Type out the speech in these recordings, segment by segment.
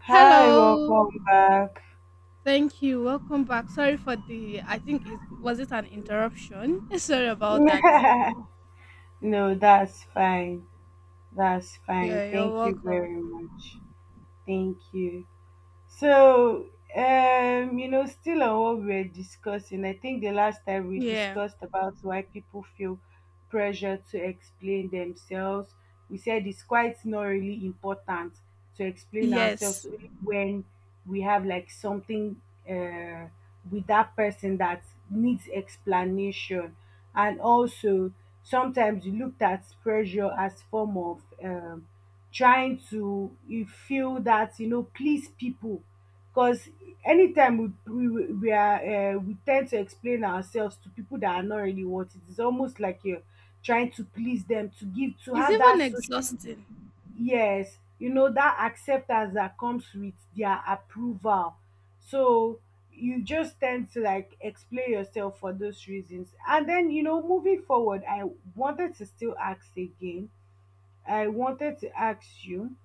Hi, Hello. welcome back. Thank you. Welcome back. Sorry for the I think it was it an interruption? Sorry about that. No, that's fine. That's fine. Yeah, you're Thank you welcome. very much. Thank you. So, Still on what we're discussing, I think the last time we Yeah. discussed about why people feel pressure to explain themselves, we said it's quite not really important to explain ourselves Yes. only when we have like something uh, with that person that needs explanation. And also, sometimes you looked at pressure as form of trying to you feel that please people because anytime we are we tend to explain ourselves to people that are not really what it is almost like you're trying to please them to give to It's have even that social exhausting. yes, that acceptance that comes with their approval. So you just tend to like explain yourself for those reasons. And then moving forward, wanted to still ask again I wanted to ask you,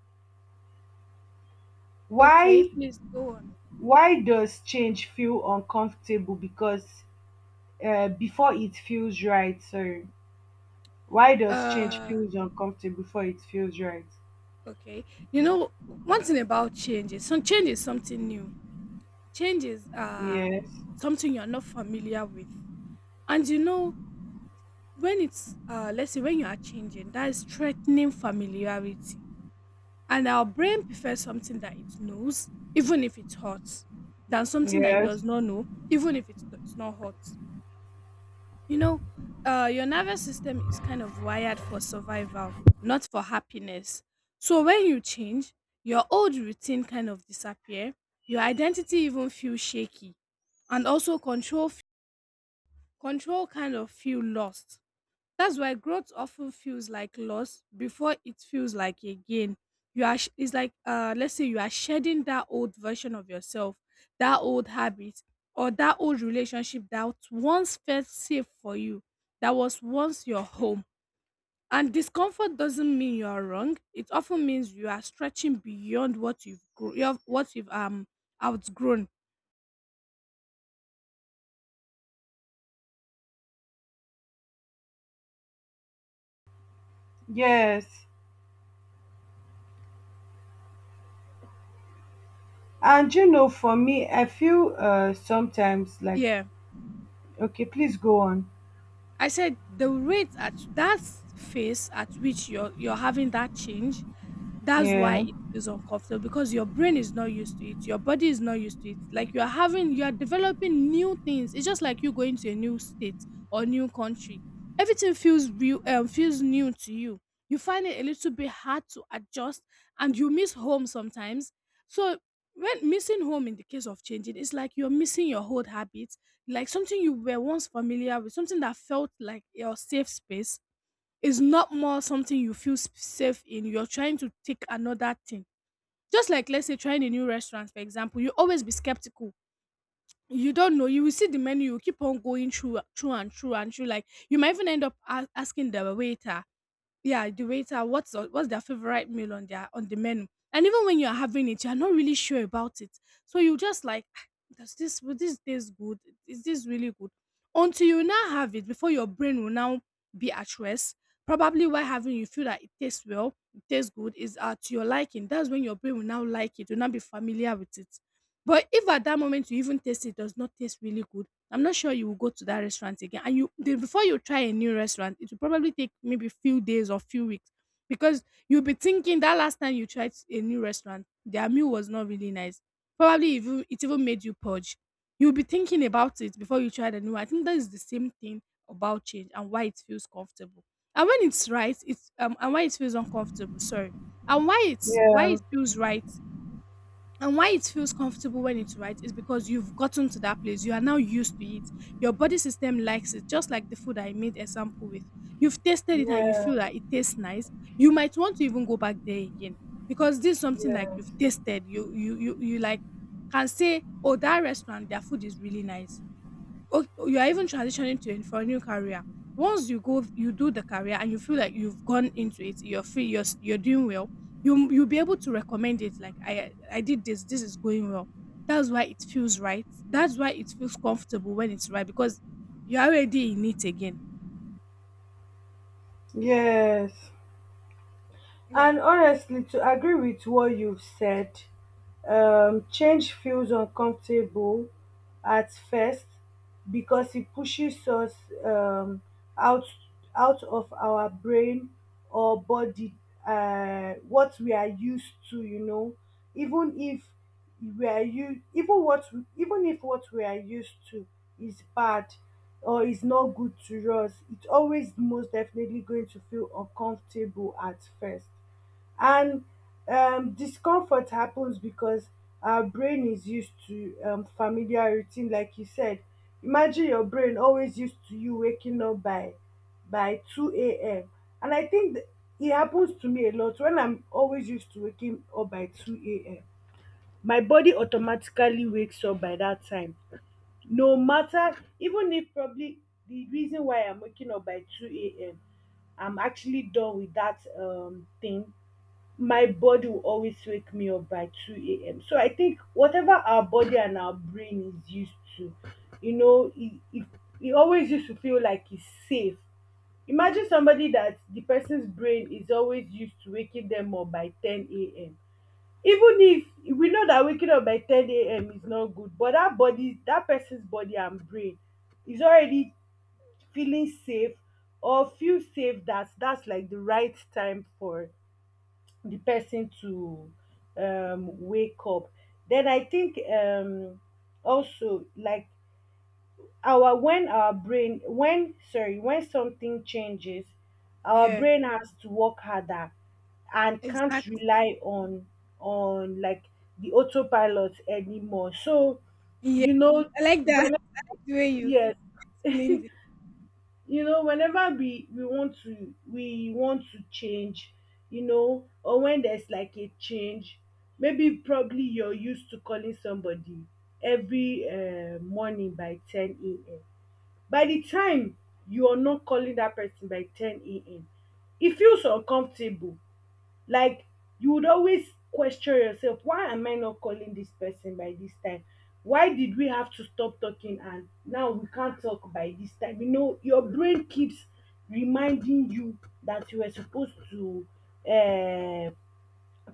Okay, why please go on. Does change feel uncomfortable because before it feels right? Sorry. Why does change Uh feels uncomfortable before it feels right? okay. You know, one thing about change is some change is something new. Change is Yes. something you're not familiar with. And you know, when it's let's say when you are changing, that is threatening familiarity. And our brain prefers something that it knows, even if it's hot, than something that it Yes. does not know, even if it's not hot. You know, your nervous system is kind of wired for survival, not for happiness. So when you change, your old routine kind of disappear, your identity even feel shaky, and also control kind of feel lost. That's why growth often feels like loss before it feels like a gain. It's like let's say you are shedding that old version of yourself, that old habit or that old relationship that once felt safe for you, that was once your home. And discomfort doesn't mean you are wrong. It often means you are stretching beyond what you've grown, what you've outgrown. Yes. And you know, for me, I feel sometimes like Yeah. okay, please go on. I said the rate at that phase at which you're having that change, that's why Yeah. it feels uncomfortable because your brain is not used to it, your body is not used to it, like you're having, you're developing new things. It's just like you going to a new state or new country. Everything feels real feels new to you. You find it a little bit hard to adjust and you miss home sometimes. So when missing home in the case of changing, it's like you're missing your old habits, like something you were once familiar with, something that felt like your safe space. It's not more something you feel safe in. You're trying to take another thing. Just like let's say trying a new restaurant, for example, you always be skeptical. You don't know. You will see the menu. You keep on going through and through. Like you might even end up asking the waiter, yeah the waiter, what's their favorite meal on their on the menu. And even when you're having it, you're not really sure about it. So you just like, "Ah, does this will this taste good, is this really good," until you now have it before your brain will now be at rest. Probably while having, you feel that it tastes well, it tastes good, is to your liking. That's when your brain will now like, it will now be familiar with it. But if at that moment you even taste it, does not taste really good, I'm not sure you will go to that restaurant again. And before you try a new restaurant, it will probably take maybe few days or few weeks, because you'll be thinking that last time you tried a new restaurant, their meal was not really nice. Probably even it even made you purge. You'll be thinking about it before you try the new one. I think that is the same thing about change and why it feels comfortable. And when it's right, it's and why it feels uncomfortable. Sorry, and why it's why Yeah. it feels right and why it feels comfortable when it's right is because you've gotten to that place. You are now used to it. Your body system likes it, just like the food I made example with. You've tasted it and you Yeah. feel that it tastes nice. You might want to even go back there again because this is something like Yeah. you've tasted. You like can say, oh, that restaurant, their food is really nice. Oh, you are even transitioning to for a new career. Once you go, you do the career, and you feel like you've gone into it, you're free, you're doing well. You'll be able to recommend it. Like I did this. This is going well. That's why it feels right. That's why it feels comfortable when it's right because you're already in it again. Yes. Yeah, And honestly, to agree with what you've said, change feels uncomfortable at first because it pushes us um, out out of our brain or body, what we are used to. Even if we are you even what we- even if what we are used to is bad or is not good to us, it's always most definitely going to feel uncomfortable at first. And discomfort happens because our brain is used to familiar routine, like you said. Imagine your brain always used to you waking up by 2 a.m. And I think it happens to me a lot when I'm always used to waking up by 2 a.m. My body automatically wakes up by that time. No matter, even if probably the reason why I'm waking up by 2 a.m., I'm actually done with that thing. My body will always wake me up by 2 a.m. So I think whatever our body and our brain is used to, you know, it always used to feel like it's safe. Imagine somebody that the person's brain is always used to waking them up by 10 a.m. Even if we know that waking up by 10 a.m. is not good, but that body, that person's body and brain is already feeling safe or feel safe that that's like the right time for the person to wake up. Then I think also like our when our brain when sorry, when something changes, our yeah, brain has to work harder and can't exactly. rely on like the autopilot anymore. So Yeah, you know I like that, when the way you yes explained it. you know whenever we want to change, you know, or when there's like a change, maybe probably you're used to calling somebody every morning by 10 a.m. By the time you're not calling that person by 10 a.m., it feels uncomfortable. Like you would always question yourself, why am I not calling this person by this time? Why did we have to stop talking and now we can't talk by this time? You know, your brain keeps reminding you that you were supposed to uh,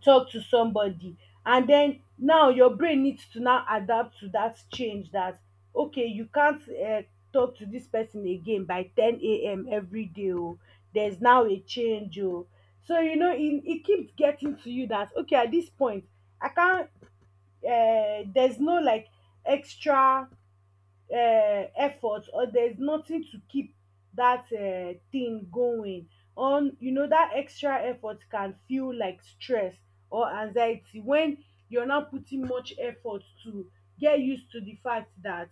talk to somebody. And then now your brain needs to now adapt to that change that okay, you can't talk to this person again by 10 a.m. every day. Oh, there's now a change. Oh, so you know it keeps getting to you that okay, at this point I can't, there's no like extra effort, or there's nothing to keep that thing going on. You know, that extra effort can feel like stress or anxiety when you're not putting much effort to get used to the fact that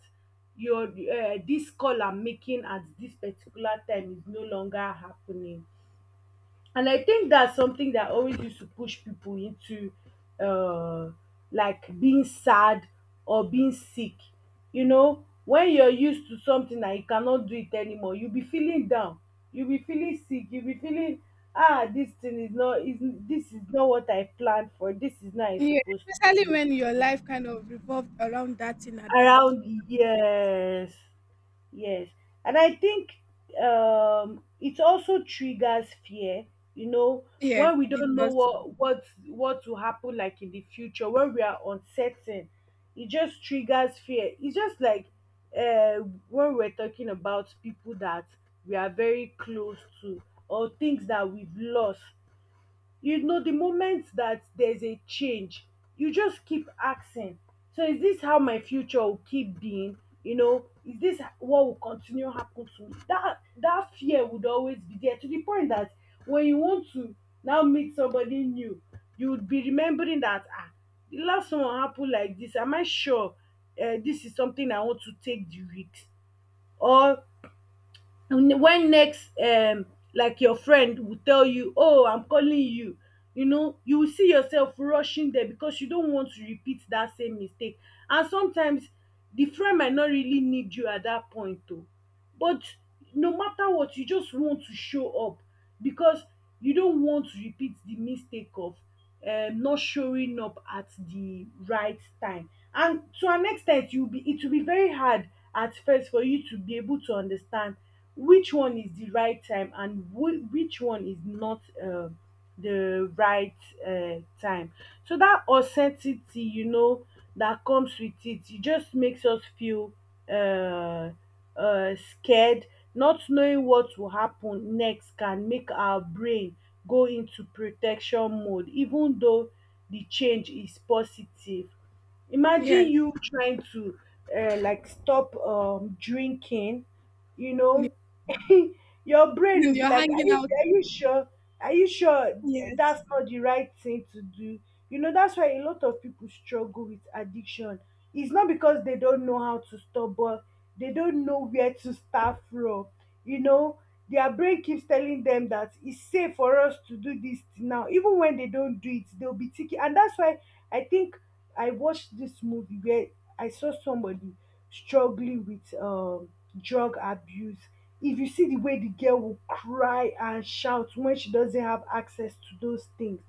your this call I'm making at this particular time is no longer happening. And I think that's something that always used to push people into uh like being sad or being sick. You know, when you're used to something and you cannot do it anymore, you'll be feeling down. You'll be feeling sick. You'll be feeling ah, this thing is not is this is not what I planned for. This is not I Yeah, supposed to especially be when your life kind of revolved around that thing at that particular. around. Yes. Yes. And I think it also triggers fear, you know, Yeah, when we it don't know does. what will happen like in the future. When we are uncertain, it just triggers fear. It's just like uh when we're talking about people that we are very close to or things that we've lost. You know, the moment that there's a change, you just keep asking, so is this how my future will keep being? You know, is this what will continue happen to me? That that fear would always be there to the point that when you want to now meet somebody new, you would be remembering that ah, the last one happened like this. Am I sure this is something I want to take the risk? Or, and when next like your friend will tell you oh, I'm calling you, you know, you will see yourself rushing there because you don't want to repeat that same mistake. And sometimes the friend might not really need you at that point. Oh, but no matter what, you just want to show up because you don't want to repeat the mistake of not showing up at the right time. And to an extent, you be it will be very hard at first for you to be able to understand which one is the right time and which one is not the right time. So that uncertainty, you know, that comes with it, it just makes us feel uh, scared. Not knowing what will happen next can make our brain go into protection mode, even though the change is positive. Imagine Yes. you trying to like stop drinking, you know. Your brain When will be you're like, hanging out. are you sure, are you sure Yes. that's not the right thing to do? You know, that's why a lot of people struggle with addiction. It's not because they don't know how to stop, but they don't know where to start from. You know, their brain keeps telling them that it's safe for us to do this now. Even when they don't do it, they'll be thinking. And that's why I think I watched this movie where I saw somebody struggling with drug abuse. If you see the way the girl will cry and shout when she doesn't have access to those things,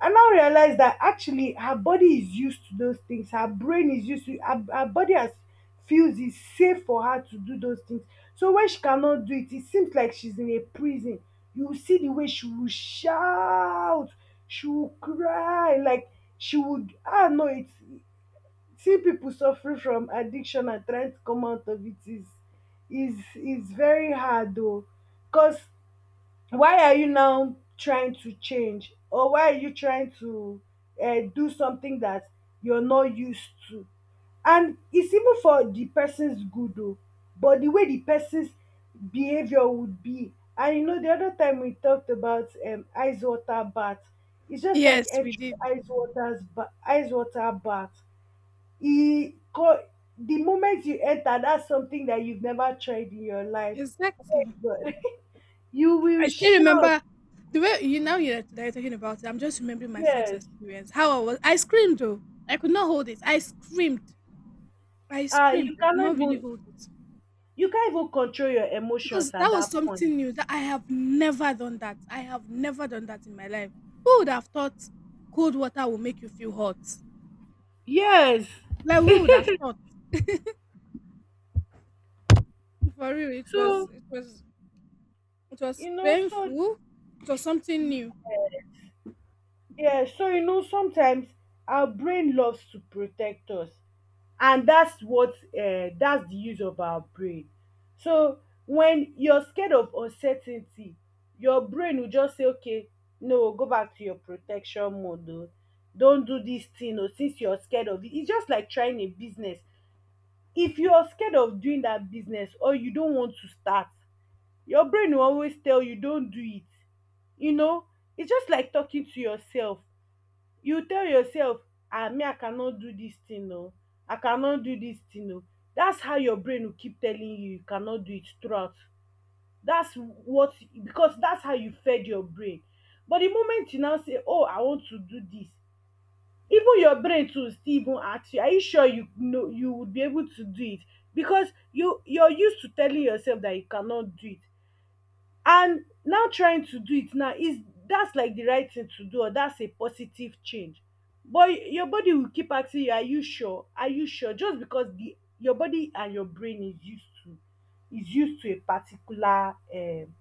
I now realize that actually her body is used to those things. Her brain is used to her, her body has feels it's safe for her to do those things. So when she cannot do it, it seems like she's in a prison. You will see the way she will shout, she will cry, like she would ah no, it's see people suffering from addiction and trying to come out of it is very hard though. Because why are you now trying to change, or why are you trying to do something that you're not used to, and it's even for the person's good though, but the way the person's behavior would be. And you know the other time we talked about ice water bath. It's just like Yes, we entry did. Ice water bath e co- the moment you enter, that's something that you've never tried in your life. Exactly. But you will I still shock. remember the way you now you're, that you're talking about it. I'm just remembering my first Yes. experience. How I was, I screamed though. I could not hold it. I screamed. I screamed. You I could cannot not really even, hold it. you can't even control your emotions Because that at was that point. something new that I have never done that. I have never done that in my life. Who would have thought cold water will make you feel hot? Yes. Like who would have thought? For real, it was so it was it was you know so painful. It was something yeah. new. Yeah, so you know sometimes our brain loves to protect us. And that's what, that's the use of our brain. So when you're scared of uncertainty, your brain will just say okay, no, go back to your protection mode o, don't do this thing. Or since you're scared of it, it's just like trying a business. If you're scared of doing that business or you don't want to start, your brain will always tell you don't do it. You know, it's just like talking to yourself. You tell yourself ah, me I cannot do this thing oh, I cannot do this thing oh. That's how your brain will keep telling you you cannot do it throughout. That's what, because that's how you fed your brain. But the moment you now say oh, I want to do this, even your brain too still even ask you are you sure, you know, you would be able to do it. Because you you're used to telling yourself that you cannot do it, and now trying to do it now is that's like the right thing to do, or that's a positive change. But your body will keep asking you are you sure just because the your body and your brain is used to a particular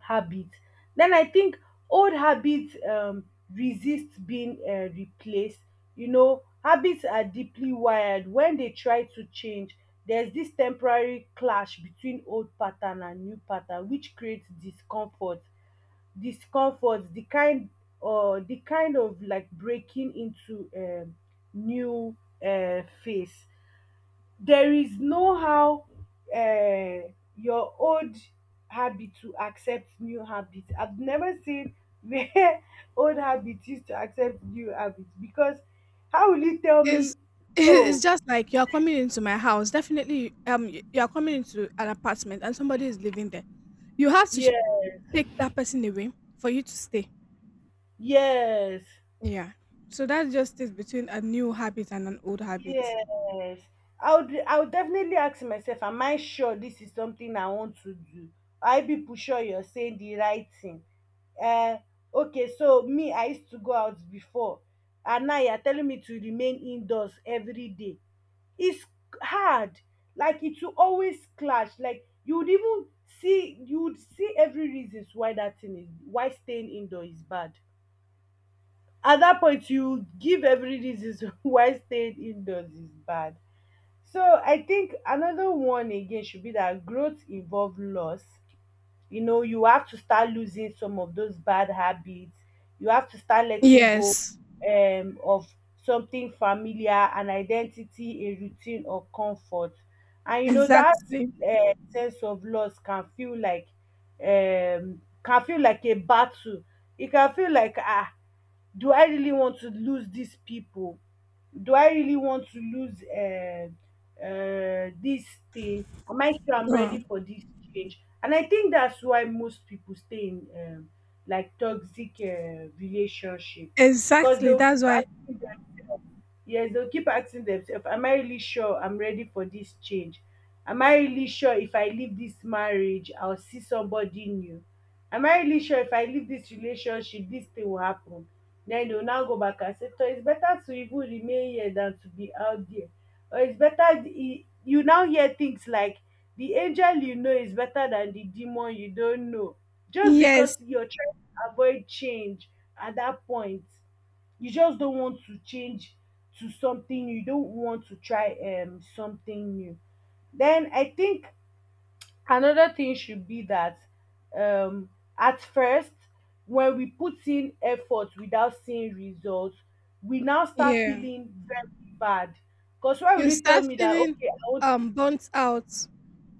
habit. Then I think old habits resist being replaced. You know, habits are deeply wired. When they try to change, there's this temporary clash between old pattern and new pattern, which creates discomfort. Discomfort, the kind of, like, breaking into new phase. There is no how, uh, your old habit to accept new habit. I've never seen where old habit used to accept new habit, because how will you tell It's me? it's Oh, just like you're coming into my house. Definitely, you are coming into an apartment and somebody is living there. You have to yeah. take that person away for you to stay. Yes, Yeah. So that just is between a new habit and an old habit. yes. I would definitely ask myself, am I sure this is something I want to do? Are you people sure you're saying the right thing? uh, okay, so me, I used to go out before, and now you're telling me to remain indoors every day. It's hard. Like, it will always clash. Like, you would see every reasons why that thing is why staying indoor is bad. At that point, you give every reasons why staying indoors is bad. So I think another one again should be that growth involve loss. You know, you have to start losing some of those bad habits. You have to start letting go Yes. Of something familiar, an identity, a routine, or comfort. And you know that Exactly. Sense of loss can feel like a battle. It can feel like, do I really want to lose these people? Do I really want to lose, this thing? Am I sure I'm Um, ready for this change? And I think that's why most people stay in, like, toxic relationship. Because exactly. they'll That's keep why. asking themselves, yes, they'll keep asking themselves, am I really sure I'm ready for this change? Am I really sure if I leave this marriage, I'll see somebody new? Am I really sure if I leave this relationship, this thing will happen? Then dey will now go back and say toh it's better to even remain here than to be out there. Or it's better, you now hear things like, the angel you know is better than the demon you don't know, just Yes. because you're trying to avoid change. At that point, you just don't want to change to something new. You don't want to try something new. Then I think another thing should be that, um, at first, when we put in effort without seeing results, we now start Yeah. feeling very bad. Because, why will You you tell start me that, feeling okay, I want, burnt out.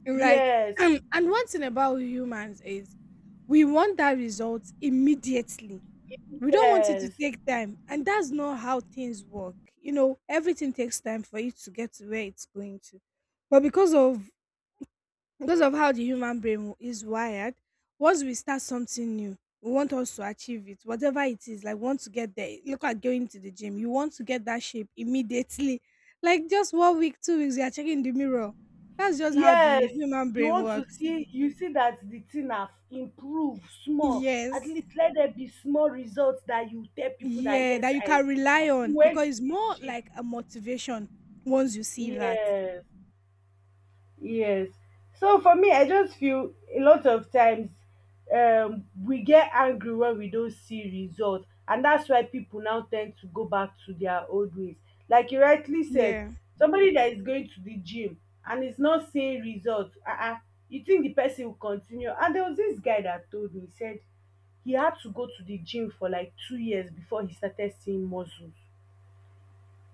Like yes, and one thing about humans is we want that result immediately. We don't want it to yes, take time and that's not how things work. You know, everything takes time for you to get to where it's going to, but because of how the human brain is wired, once we start something new, we want us to achieve it, whatever it is. Like we want to get there. Look at going to the gym, you want to get that shape immediately like just 1 week 2 weeks you are checking the mirror. That's just how the yes, human you brain want to works. see. You see that the thing have improved small. At Yes. least let there be small results that you tell people that, Yeah, yes, that you I can rely on went because to it's the more like gym. a motivation once you see that. Yes. Yes. So for me, I just feel a lot of times, we get angry when we don't see result, and that's why people now tend to go back to their old ways. Like you rightly said, Yeah. somebody that is going to the gym and is not seeing results, uh-uh, you think the person will continue? And there was this guy that told me. He said he had to go to the gym for like 2 years before he started seeing muscles.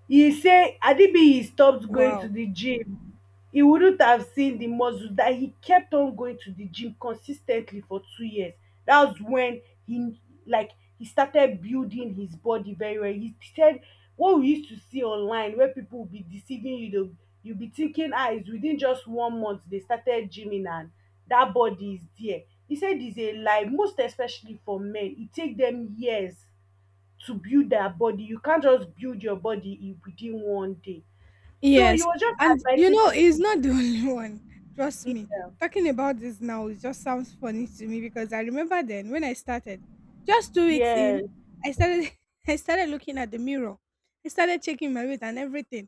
He say had it been he stopped going to Wow. the gym, he wouldn't have seen the muscle, that he kept on going to the gym consistently for 2 years. That was when he like he started building his body very well. He said what we used to see online where people will be deceiving you, they'll you'll be thinking, it's within just 1 month they started gymming and that body is there. He said it's a lie. Most especially for men, e take dem years to build their body. You can't just build your body in within 1 day. So you Yes, were just and you advising know, he's people. not the only one. Trust me. Yeah. Talking about this now, it just sounds funny to me because I remember then when I started, just 2 weeks in, Yes. I started I started looking at the mirror. I started checking my weight and everything.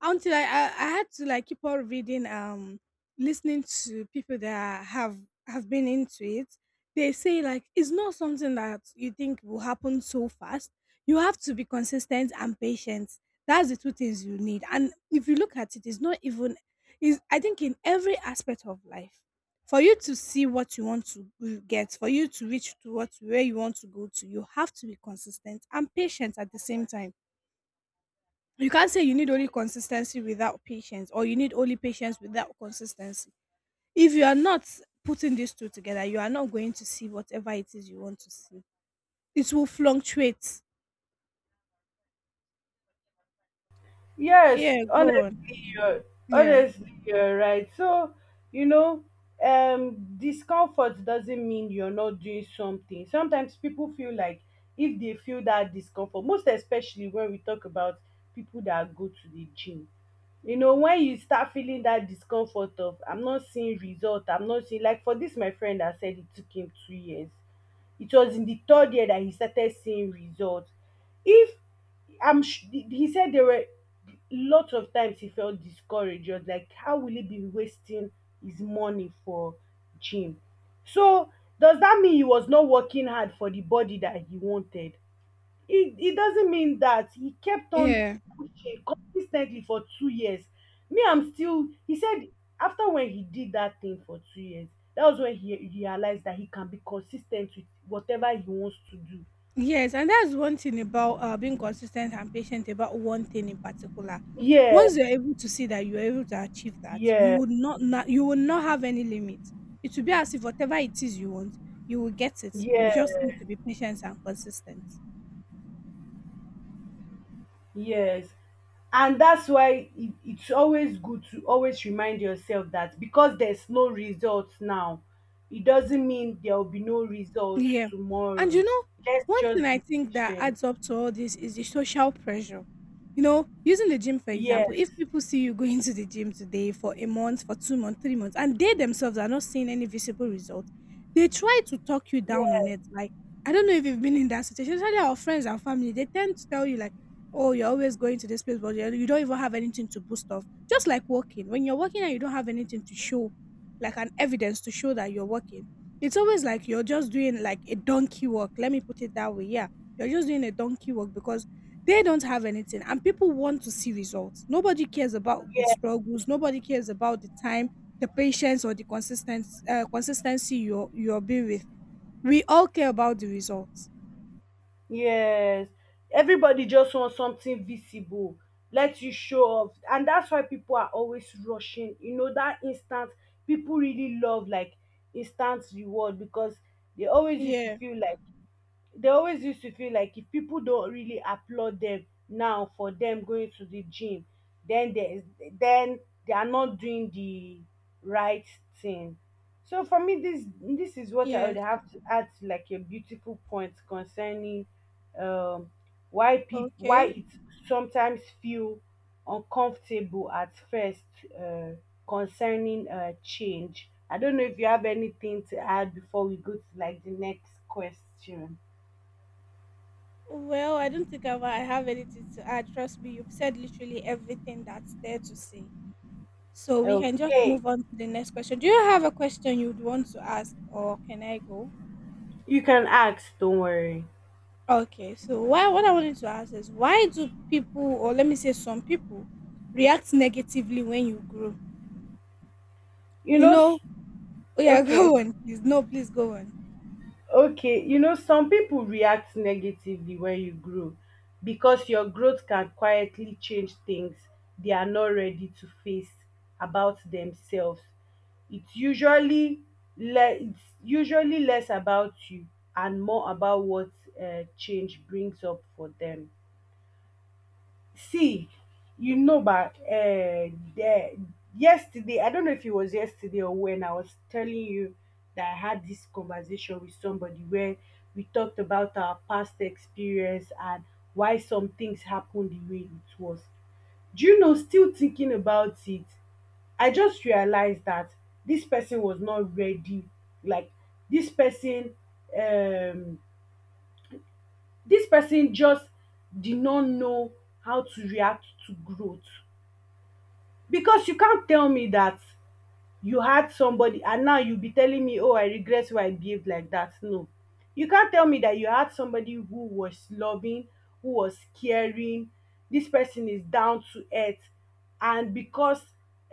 Until I had to like keep on reading, listening to people that have been into it. They say like it's not something that you think will happen so fast. You have to be consistent and patient. That's the 2 things you need, and if you look at it, it's not even. Is I think in every aspect of life, for you to see what you want to g get, for you to reach to what where you want to go to, you have to be consistent and patient at the same time. You can't say you need only consistency without patience, or you need only patience without consistency. If you are not putting these 2 together, you are not going to see whatever it is you want to see. It will fluctuate. Yes, Yeah, go on. honestly, you're Yeah. You're right. So, you know, discomfort doesn't mean you're not doing something. Sometimes people feel like, if they feel that discomfort, most especially when we talk about people that go to the gym. You know, when you start feeling that discomfort of, I'm not seeing result, I'm not seeing, like for this my friend that said it took him 2 years. It was in the third year that he started seeing results. If I'm sh- He said there were lots of times he felt discouraged. He was like, how will he be wasting his money for gym? So does that mean he was not working hard for the body that he wanted? It doesn't mean that. He kept on Yeah. pushing consistently for 2 years. Me, I'm still. He said after when he did that thing for 2 years, that was when he realized that he can be consistent with whatever he wants to do. Yes, and that's one thing about being consistent and patient about one thing in particular. Yeah, Once you're able to see that you're able to achieve that, you yeah, would not you will not have any limit. It will be as if whatever it is you want, you will get it. You yeah. just need to be patient and consistent. Yes, and that's why it's always good to always remind yourself that, because there's no results now, it doesn't mean there will be no results Yeah. And you tomorrow. know, Let's one thing just I be think that patient. adds up to all this is the social pressure. You know, using the gym for Yes, example, if people see you going to the gym today for a month, for 2 months, 3 months, and they themselves are not seeing any visible results, they try to talk you down on yes, it. Like, I don't know if you've been in that situation, especially our friends and family, they tend to tell you, like, oh, you're always going to this place, but you don't even have anything to boost off. Just like walking. When you're walking and you don't have anything to show, like an evidence to show that you're working, it's always like you're just doing like a donkey work. Let me put it that way. Yeah. You're just doing a donkey work because they don't have anything and people want to see results. Nobody cares about the yes, struggles. Nobody cares about the time, the patience or the consistent consistency you're being with. We all care about the results. yes. Everybody just wants something visible. Let you show off. And that's why people are always rushing. You know, that instant, people really love, like, instant reward, because they always used to Yeah. feel like they always used to feel like, if people don't really applaud them now for them going to the gym, then they then they are not doing the right thing. So for me, this is what I would Yes. have to add to, like, a beautiful point concerning, um why Okay. it sometimes feel uncomfortable at first, uh, concerning, change. I don't know if you have anything to add before we go to, like, the next question. Well, I don't think I have anything to add. Trust me, you've said literally everything that's there to say. So we can just Okay. move on to the next question. Do you have a question you'd want to ask, or can I go? You can ask, don't worry. Okay, so why what I wanted to ask is, why do people, or let me say some people, react negatively when you grow? You You know, know, oh yeah, okay. go on, please. No, please go on. Okay. You know, some people react negatively when you grow, because your growth can quietly change things they are not ready to face about themselves. It's usually, less about you and more about what, change brings up for them. See, you know, but, the, yesterday, I don't know if it was yesterday or when I was telling you that I had this conversation with somebody where we talked about our past experience and why some things happened the way it was. Do you know, still thinking about it, I just realized that this person was not ready. Like, this person, um, this person just did not know how to react to growth. Because you can't tell me that you had somebody and now you'll be telling me, oh, I regret why I behaved like that. No. You can't tell me that you had somebody who was loving, who was caring, this person is down to earth. And because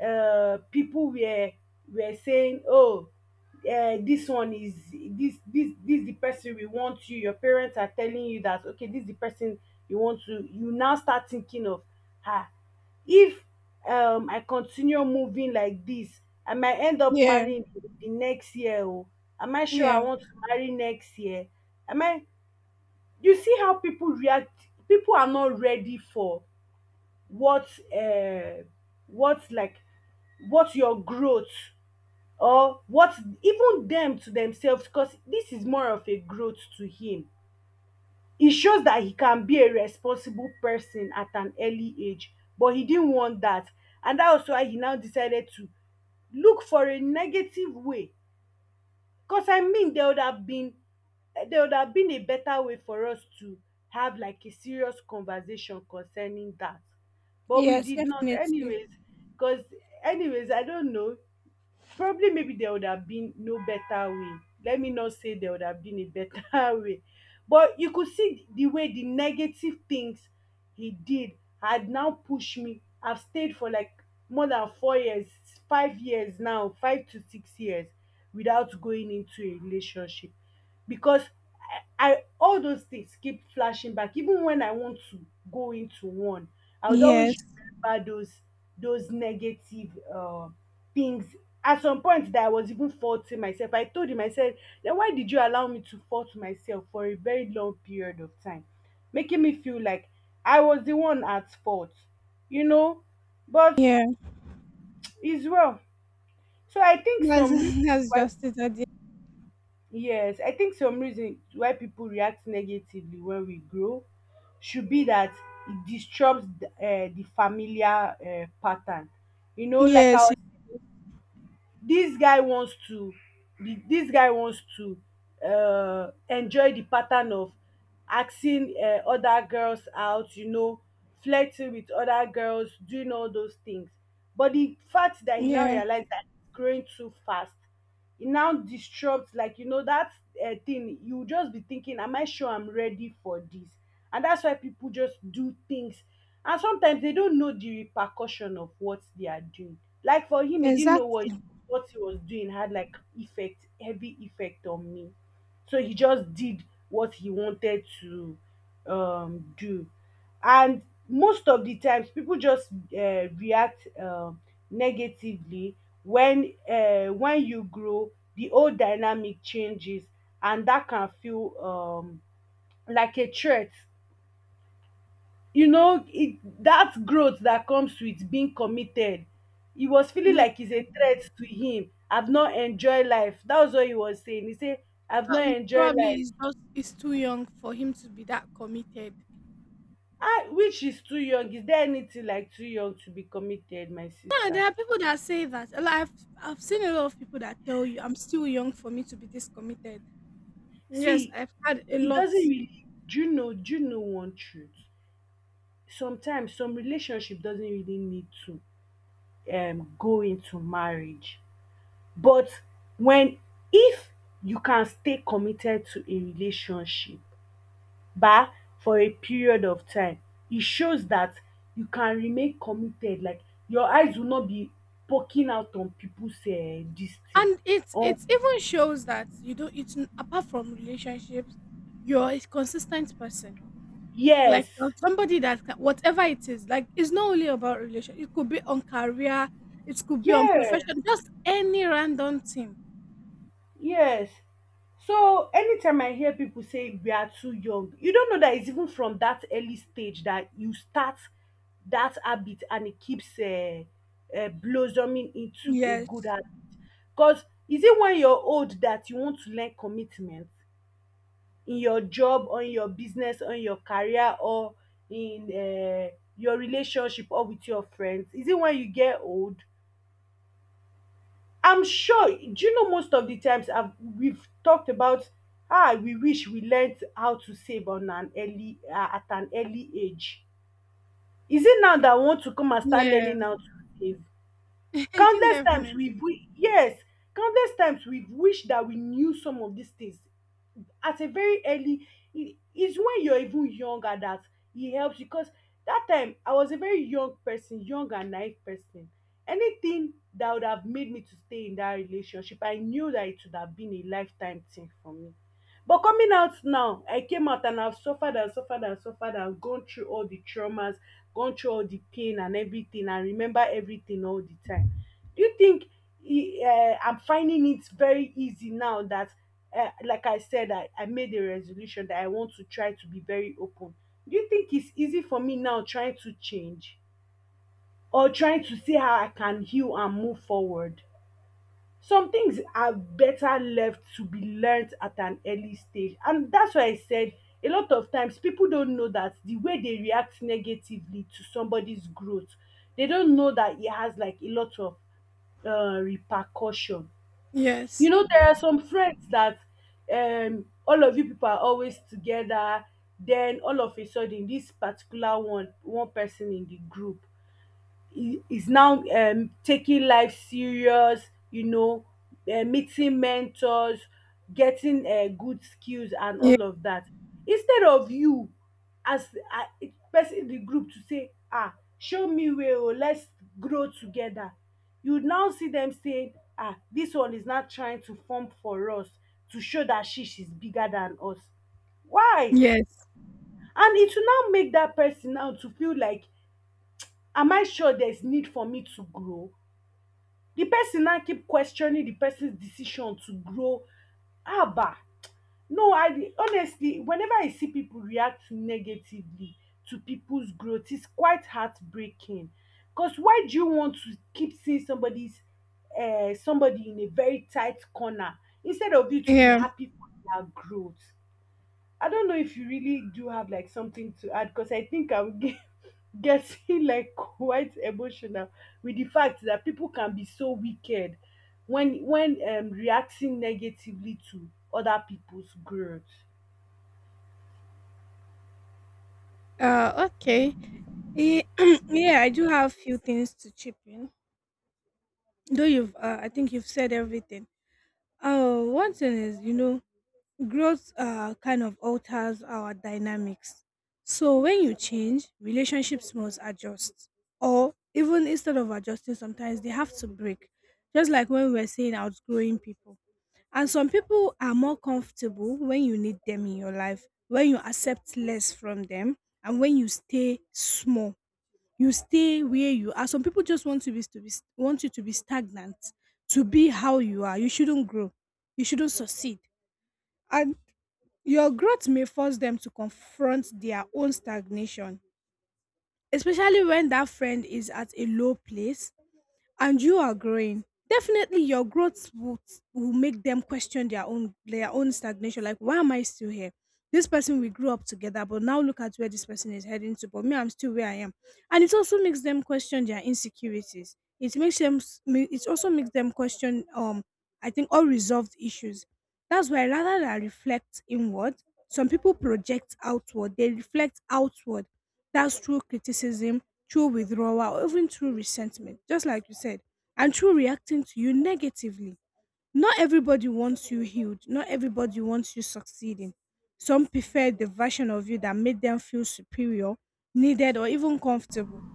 people were saying, oh, this one is this this this the person we want you, your parents are telling you that, okay, this is the person you want to, you now start thinking of, ah if, I continue moving like this, I might end up Yeah, marrying the next year. Oh, am I sure I yeah, want to marry next year? Am I? You see how people react. People are not ready for what, uh, what like, what your growth or what even them to themselves. Because this is more of a growth to him. It shows that he can be a responsible person at an early age, but he didn't want that. And that was why he now decided to look for a negative way. Because, I mean, there would have been a better way for us to have, like, a serious conversation concerning that. But we yes, did not, definitely. anyways. Because, anyways, I don't know, probably, maybe there would have been no better way. Let me not say there would have been a better way. But you could see, the way the negative things he did had now pushed me, I've stayed for like more than 4 years, 5 years now, 5 to 6 years, without going into a relationship. Because I all those things keep flashing back. Even when I want to go into one, I would Yes, always remember those negative, things. At some point, that I was even faulting myself. I told him, I said, "Then why did you allow me to fault myself for a very long period of time, making me feel like I was the one at fault?" You know, but yeah. it's well. So I think That's, some reasons that's why. just it. Yes, I think some reason why people react negatively when we grow should be that it disrupts the familiar, pattern. You know, like I Yes, was, this guy wants to, this guy wants to, enjoy the pattern of asking, other girls out. You know, flirting with other girls, doing all those things. But the fact that he now yeah, realized that he's growing too fast it now disrupts like you know that thing. You will just be thinking am I sure I'm ready for this? And that's why people just do things, and sometimes they don't know the repercussion of what they are doing. Like for him, he didn't know exactly. what he was doing had like effect heavy effect on me. So he just did what he wanted to do. And most of the times, people just react negatively. When when you grow, the old dynamic changes, and that can feel like a threat. You know, that growth that comes with being committed, he was feeling Yeah, like it's a threat to him. I've not enjoyed life. That was what he was saying. He said, I've not enjoyed probably life. it's just it's too young for him to be that committed. Ah, which is too young? Is there anything like too young to be committed, my Yeah, there sister? are people that say that. Like, I've seen a lot of people that tell you, "I'm still young for me to be this committed." Yes, See, I've had a it lot, doesn't really. Do you know? Do you know one truth? Sometimes some relationship doesn't really need to go into marriage, but when if you can stay committed to a relationship, bah, for a period of time, it shows that you can remain committed. Like your eyes will not be poking out on people's this thing. and it's On, even shows that you don't. Apart from relationships, you're a consistent person. Like yes, you're somebody that whatever it is, like it's not only about relation. It could be on career, it could be on yes, profession, just any random thing. yes. So anytime I hear people say we are too young, you don't know that it's even from that early stage that you start that habit, and it keeps blossoming into a good Yes. habit. Because is it when you're old that you want to learn commitment in your job, on your business, on your career, or in your relationship or with your friends? Is it when you get old? I'm sure, do you know most of the times we've talked about ah, we wish we learnt how to save on an early at an early age. Is it now that we want to come and start Yeah. learning how to save? Countless times Definitely. Yes, countless times we've wished that we knew some of these things at a very early, it is when you're even younger that it helps, because that time I was a very young person, young and naive person. Anything that would have made me to stay in that relationship, I knew that it would have been a lifetime thing for me. But coming out now, I came out and I've suffered and suffered and suffered and gone through all the traumas, gone through all the pain and everything, and remember everything all the time. Do you think I'm finding it very easy now that, like I said, I made a resolution that I want to try to be very open? Do you think it's easy for me now trying to change or trying to see how I can heal and move forward? Some things are better left to be learnt at an early stage, and that's why I said a lot of times people don't know that the way they react negatively to somebody's growth, they don't know that it has like a lot of repercussion. You Yes. know, there are some friends that all of you people are always together. Then all of a sudden, this particular one, one person in the group, he is now taking life serious, you know, meeting mentors, getting good skills, and Yeah. all of that. Instead of you as uh, person in the group to say, ah, show me way, oh, let's grow together. You now see them saying, ah, this one is not trying to form for us to show that she's bigger than us. Why? Yes. And it will now make that person now to feel like, am I sure there's need for me to grow? The person now keep questioning the person's decision to grow. Haba! No, I dey- honestly, whenever I see people react negatively to people's growth, it's quite heartbreaking. Because why do you want to keep seeing somebody's somebody in a very tight corner instead of you to be Yeah. happy for their growth? I don't know if you really do have like something to add, because I think I'm ge- getting like quite emotional with the fact that people can be so wicked when reacting negatively to other people's growth. Okay. Eh, yeah, I do have few things to chip in. Though you've, I think you've said everything. Oh, one thing is, you know, growth kind of alters our dynamics. So when you change, relationships must adjust, or even instead of adjusting, sometimes they have to break. Just like when we're saying outgrowing people, and some people are more comfortable when you need them in your life, when you accept less from them, and when you stay small you stay where you are. Some people just want to be want you to be stagnant, to be how you are. You shouldn't grow. You shouldn't succeed. And your growth may force them to confront their own stagnation, especially when that friend is at a low place and you are growing. Definitely your growth will make them question their own stagnation, like why am I still here? This person we grew up together, but now look at where this person is heading to, but me, I'm still where I am. And it also makes them question their insecurities. It makes them it also makes them question, I think, unresolved issues. That's why, rather than reflect inward, some people project outward, they reflect outward. That's true criticism, true withdrawal, or even true resentment, just like you said, and true reacting to you negatively. Not everybody wants you healed, not everybody wants you succeeding. Some prefer the version of you that made them feel superior, needed, or even comfortable.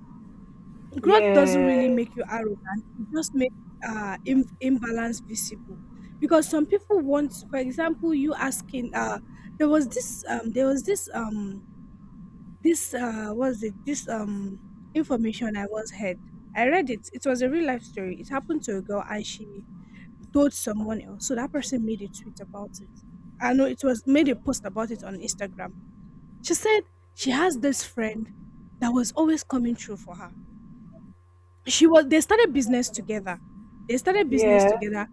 Growth doesn't really Yeah, make you arrogant, it just makes imbalance visible. Because some people want, for example, you asking, there was this, this was it this information I was had. I read it. It was a real life story. It happened to a girl and she told someone else. So that person made a tweet about it. I know it was made a post about it on Instagram. She said she has this friend that was always coming through for her. She was they started business together. They started business yeah, together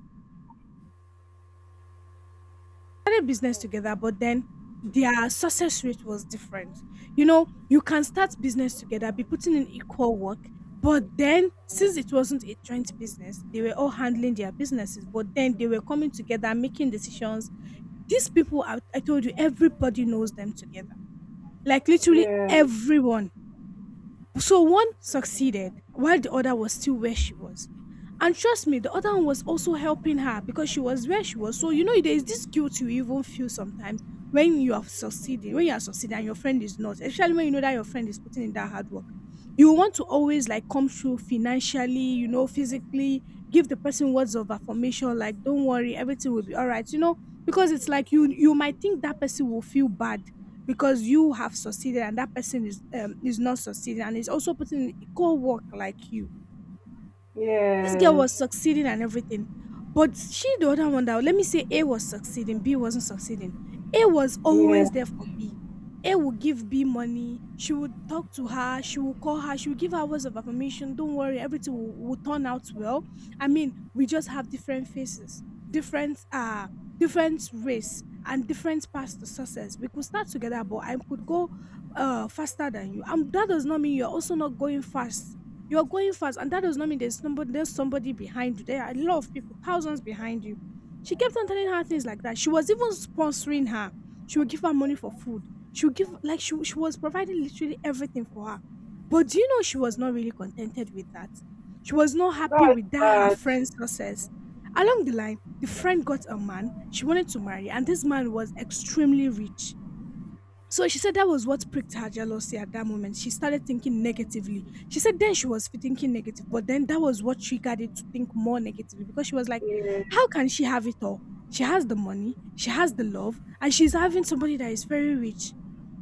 started business together, but then their success rate was different. You know, you can start business together, be putting in equal work, but then since it wasn't a joint business, they were all handling their businesses, but then they were coming together, making decisions. These people, I told you, everybody knows them together. Like literally yeah, everyone. So one succeeded while the other was still where she was. And trust me, the other one was also helping her because she was where she was. So, you know, there is this guilt you even feel sometimes when you are succeeding and your friend is not, especially when you know that your friend is putting in that hard work. You want to always like come through financially, you know, physically, give the person words of affirmation, like, don't worry, everything will be all right, you know, because it's like you might think that person will feel bad because you have succeeded and that person is not succeeding and is also putting in equal work like you. This girl yes, was succeeding and everything. But she, the other one, that let me say A was succeeding, B wasn't succeeding. A was yeah. always there for B. A would give B money. She would talk to her. She would call her. She would give her words of affirmation. Don't worry, everything will turn out well. I mean, we just have different faces, different different race, and different paths to success. We could start together, but I could go faster than you. And that does not mean you're also not going fast, you're going fast, and that does not mean there's somebody, behind you. There are a lot of people, thousands behind you. She kept on telling her things like that. She was even sponsoring her. She would give her money for food. She would give like she was providing literally everything for her. But do you know she was not really contented with that? She was not happy That's with that her bad. friend's success. Along the line, the friend got a man she wanted to marry, and this man was extremely rich, so she said that was what pricked her jealousy at that moment. She started thinking negatively. She said then she was thinking negative, but then that was what triggered it to think more negatively because she was like, Yeah, how can she have it all? She has the money, she has the love, and she's having somebody that is very rich.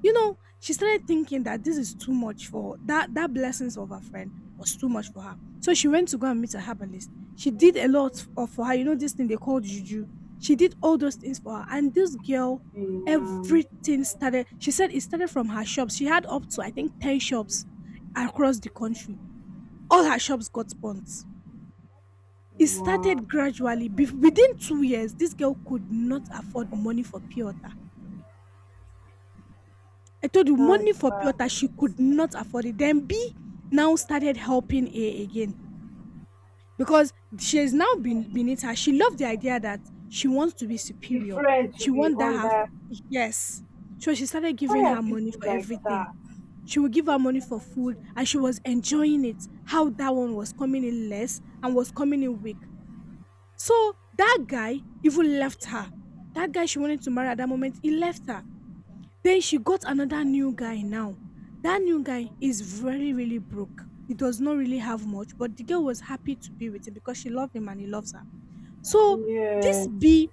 You know, she started thinking that this is too much for that blessings of her friend was too much for her. So she went to go and meet a herbalist. She did a lot of for her. You know this thing they call juju. She did all those things for her, and this girl um, everything started. She said it started from her shops. She had up to, I think, 10 shops across the country. All her shops got burnt. It wow, started gradually. Within 2 years this girl could not afford money for pure water. I told you, that's money for pure bad. water she could not afford it. Then B now started helping A again because she has now been beneath her. She loved the idea that she wants to be superior. Different to She be wants that her, under. yes. So she started Why giving are her money people for like everything. that? She would give her money for food and she was enjoying it. How that one was coming in less and was coming in weak. So that guy even left her. That guy she wanted to marry at that moment, he left her. Then she got another new guy now. That new guy is very, really broke. He does not really have much, but the girl was happy to be with him because she loved him and he loves her. So this Yeah. B,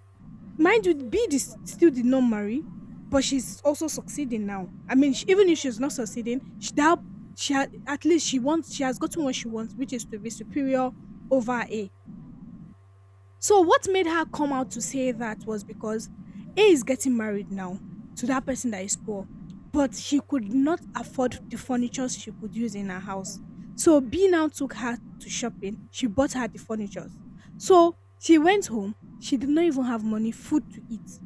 mind you, B did, still did not marry, but she's also succeeding now. I mean, she, even if she's not succeeding, she, that, she ha- at least she wants, she has gotten what she wants, which is to be superior over A. So what made her come out to say that was because A is getting married now to that person that is poor, but she could not afford the furniture she could use in her house. So B now took her to shopping. She bought her the furniture. So she went home. She did not even have money, food to eat.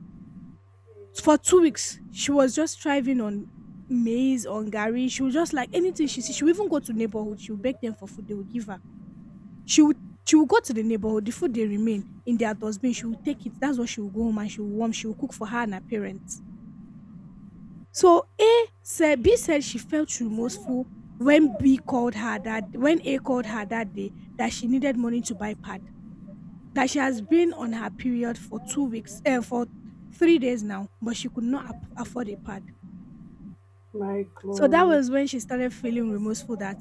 For 2 weeks, she was just thriving on maize, on gari. She was just like anything she see, she would even go to neighborhood, she would beg them for food, they would give her. She would she would go to the neighborhood, the food they remain in their dustbin, she would take it. That's what she would go home and she would warm, she would cook for her and her parents. So A said B said she felt remorseful when B called her that when A called her that day that she needed money to buy pad. That she has been on her period for 3 days now, but she could not afford a pad. My So that God. was when she started feeling remorseful that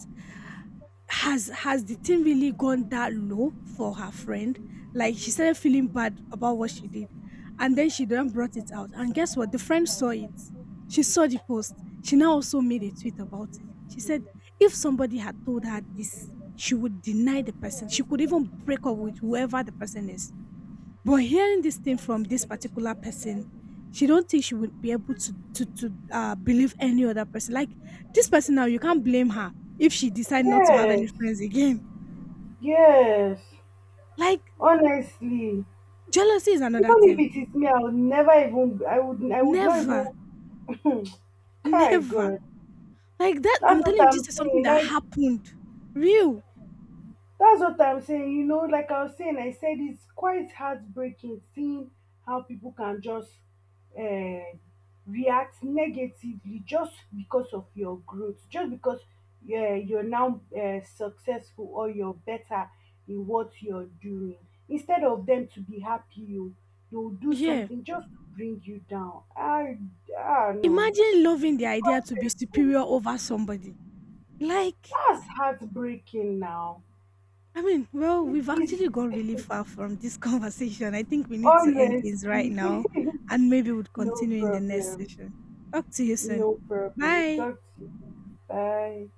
has the thing really gone that low for her friend? Like she started feeling bad about what she did. And then she then brought it out. And guess what? The friend saw it. She saw the post. She now also made a tweet about it. She said if somebody had told her this, she would deny the person. She could even break up with whoever the person is. But hearing this thing from this particular person, she don't think she would be able to believe any other person. Like this person now, you can't blame her if she decide not to have any Yes. friends again. Yes. Like Honestly. jealousy is another Even if thing. it is me, I would never even I would not Never, even Kai never. God. Like that, That's I'm what telling you, I'm this is something saying. that Like, happened. Real. that's what I'm saying, you know, like I was saying, I said it's quite heartbreaking seeing how people can just uh, react negatively just because of your growth, just because you're now successful or you're better in what you're doing. Instead of them to be happy, you you'll do Yeah. something just to bring you down. I don't know. Imagine loving the It's idea quite to be painful. superior over somebody. Like That's heartbreaking now. I mean, well, It we've is. actually gone really far from this conversation. I think we need to end things right Honestly, now and maybe we'll no continue in the next session. problem. Talk to you soon. No problem. Bye. Talk to you. Bye.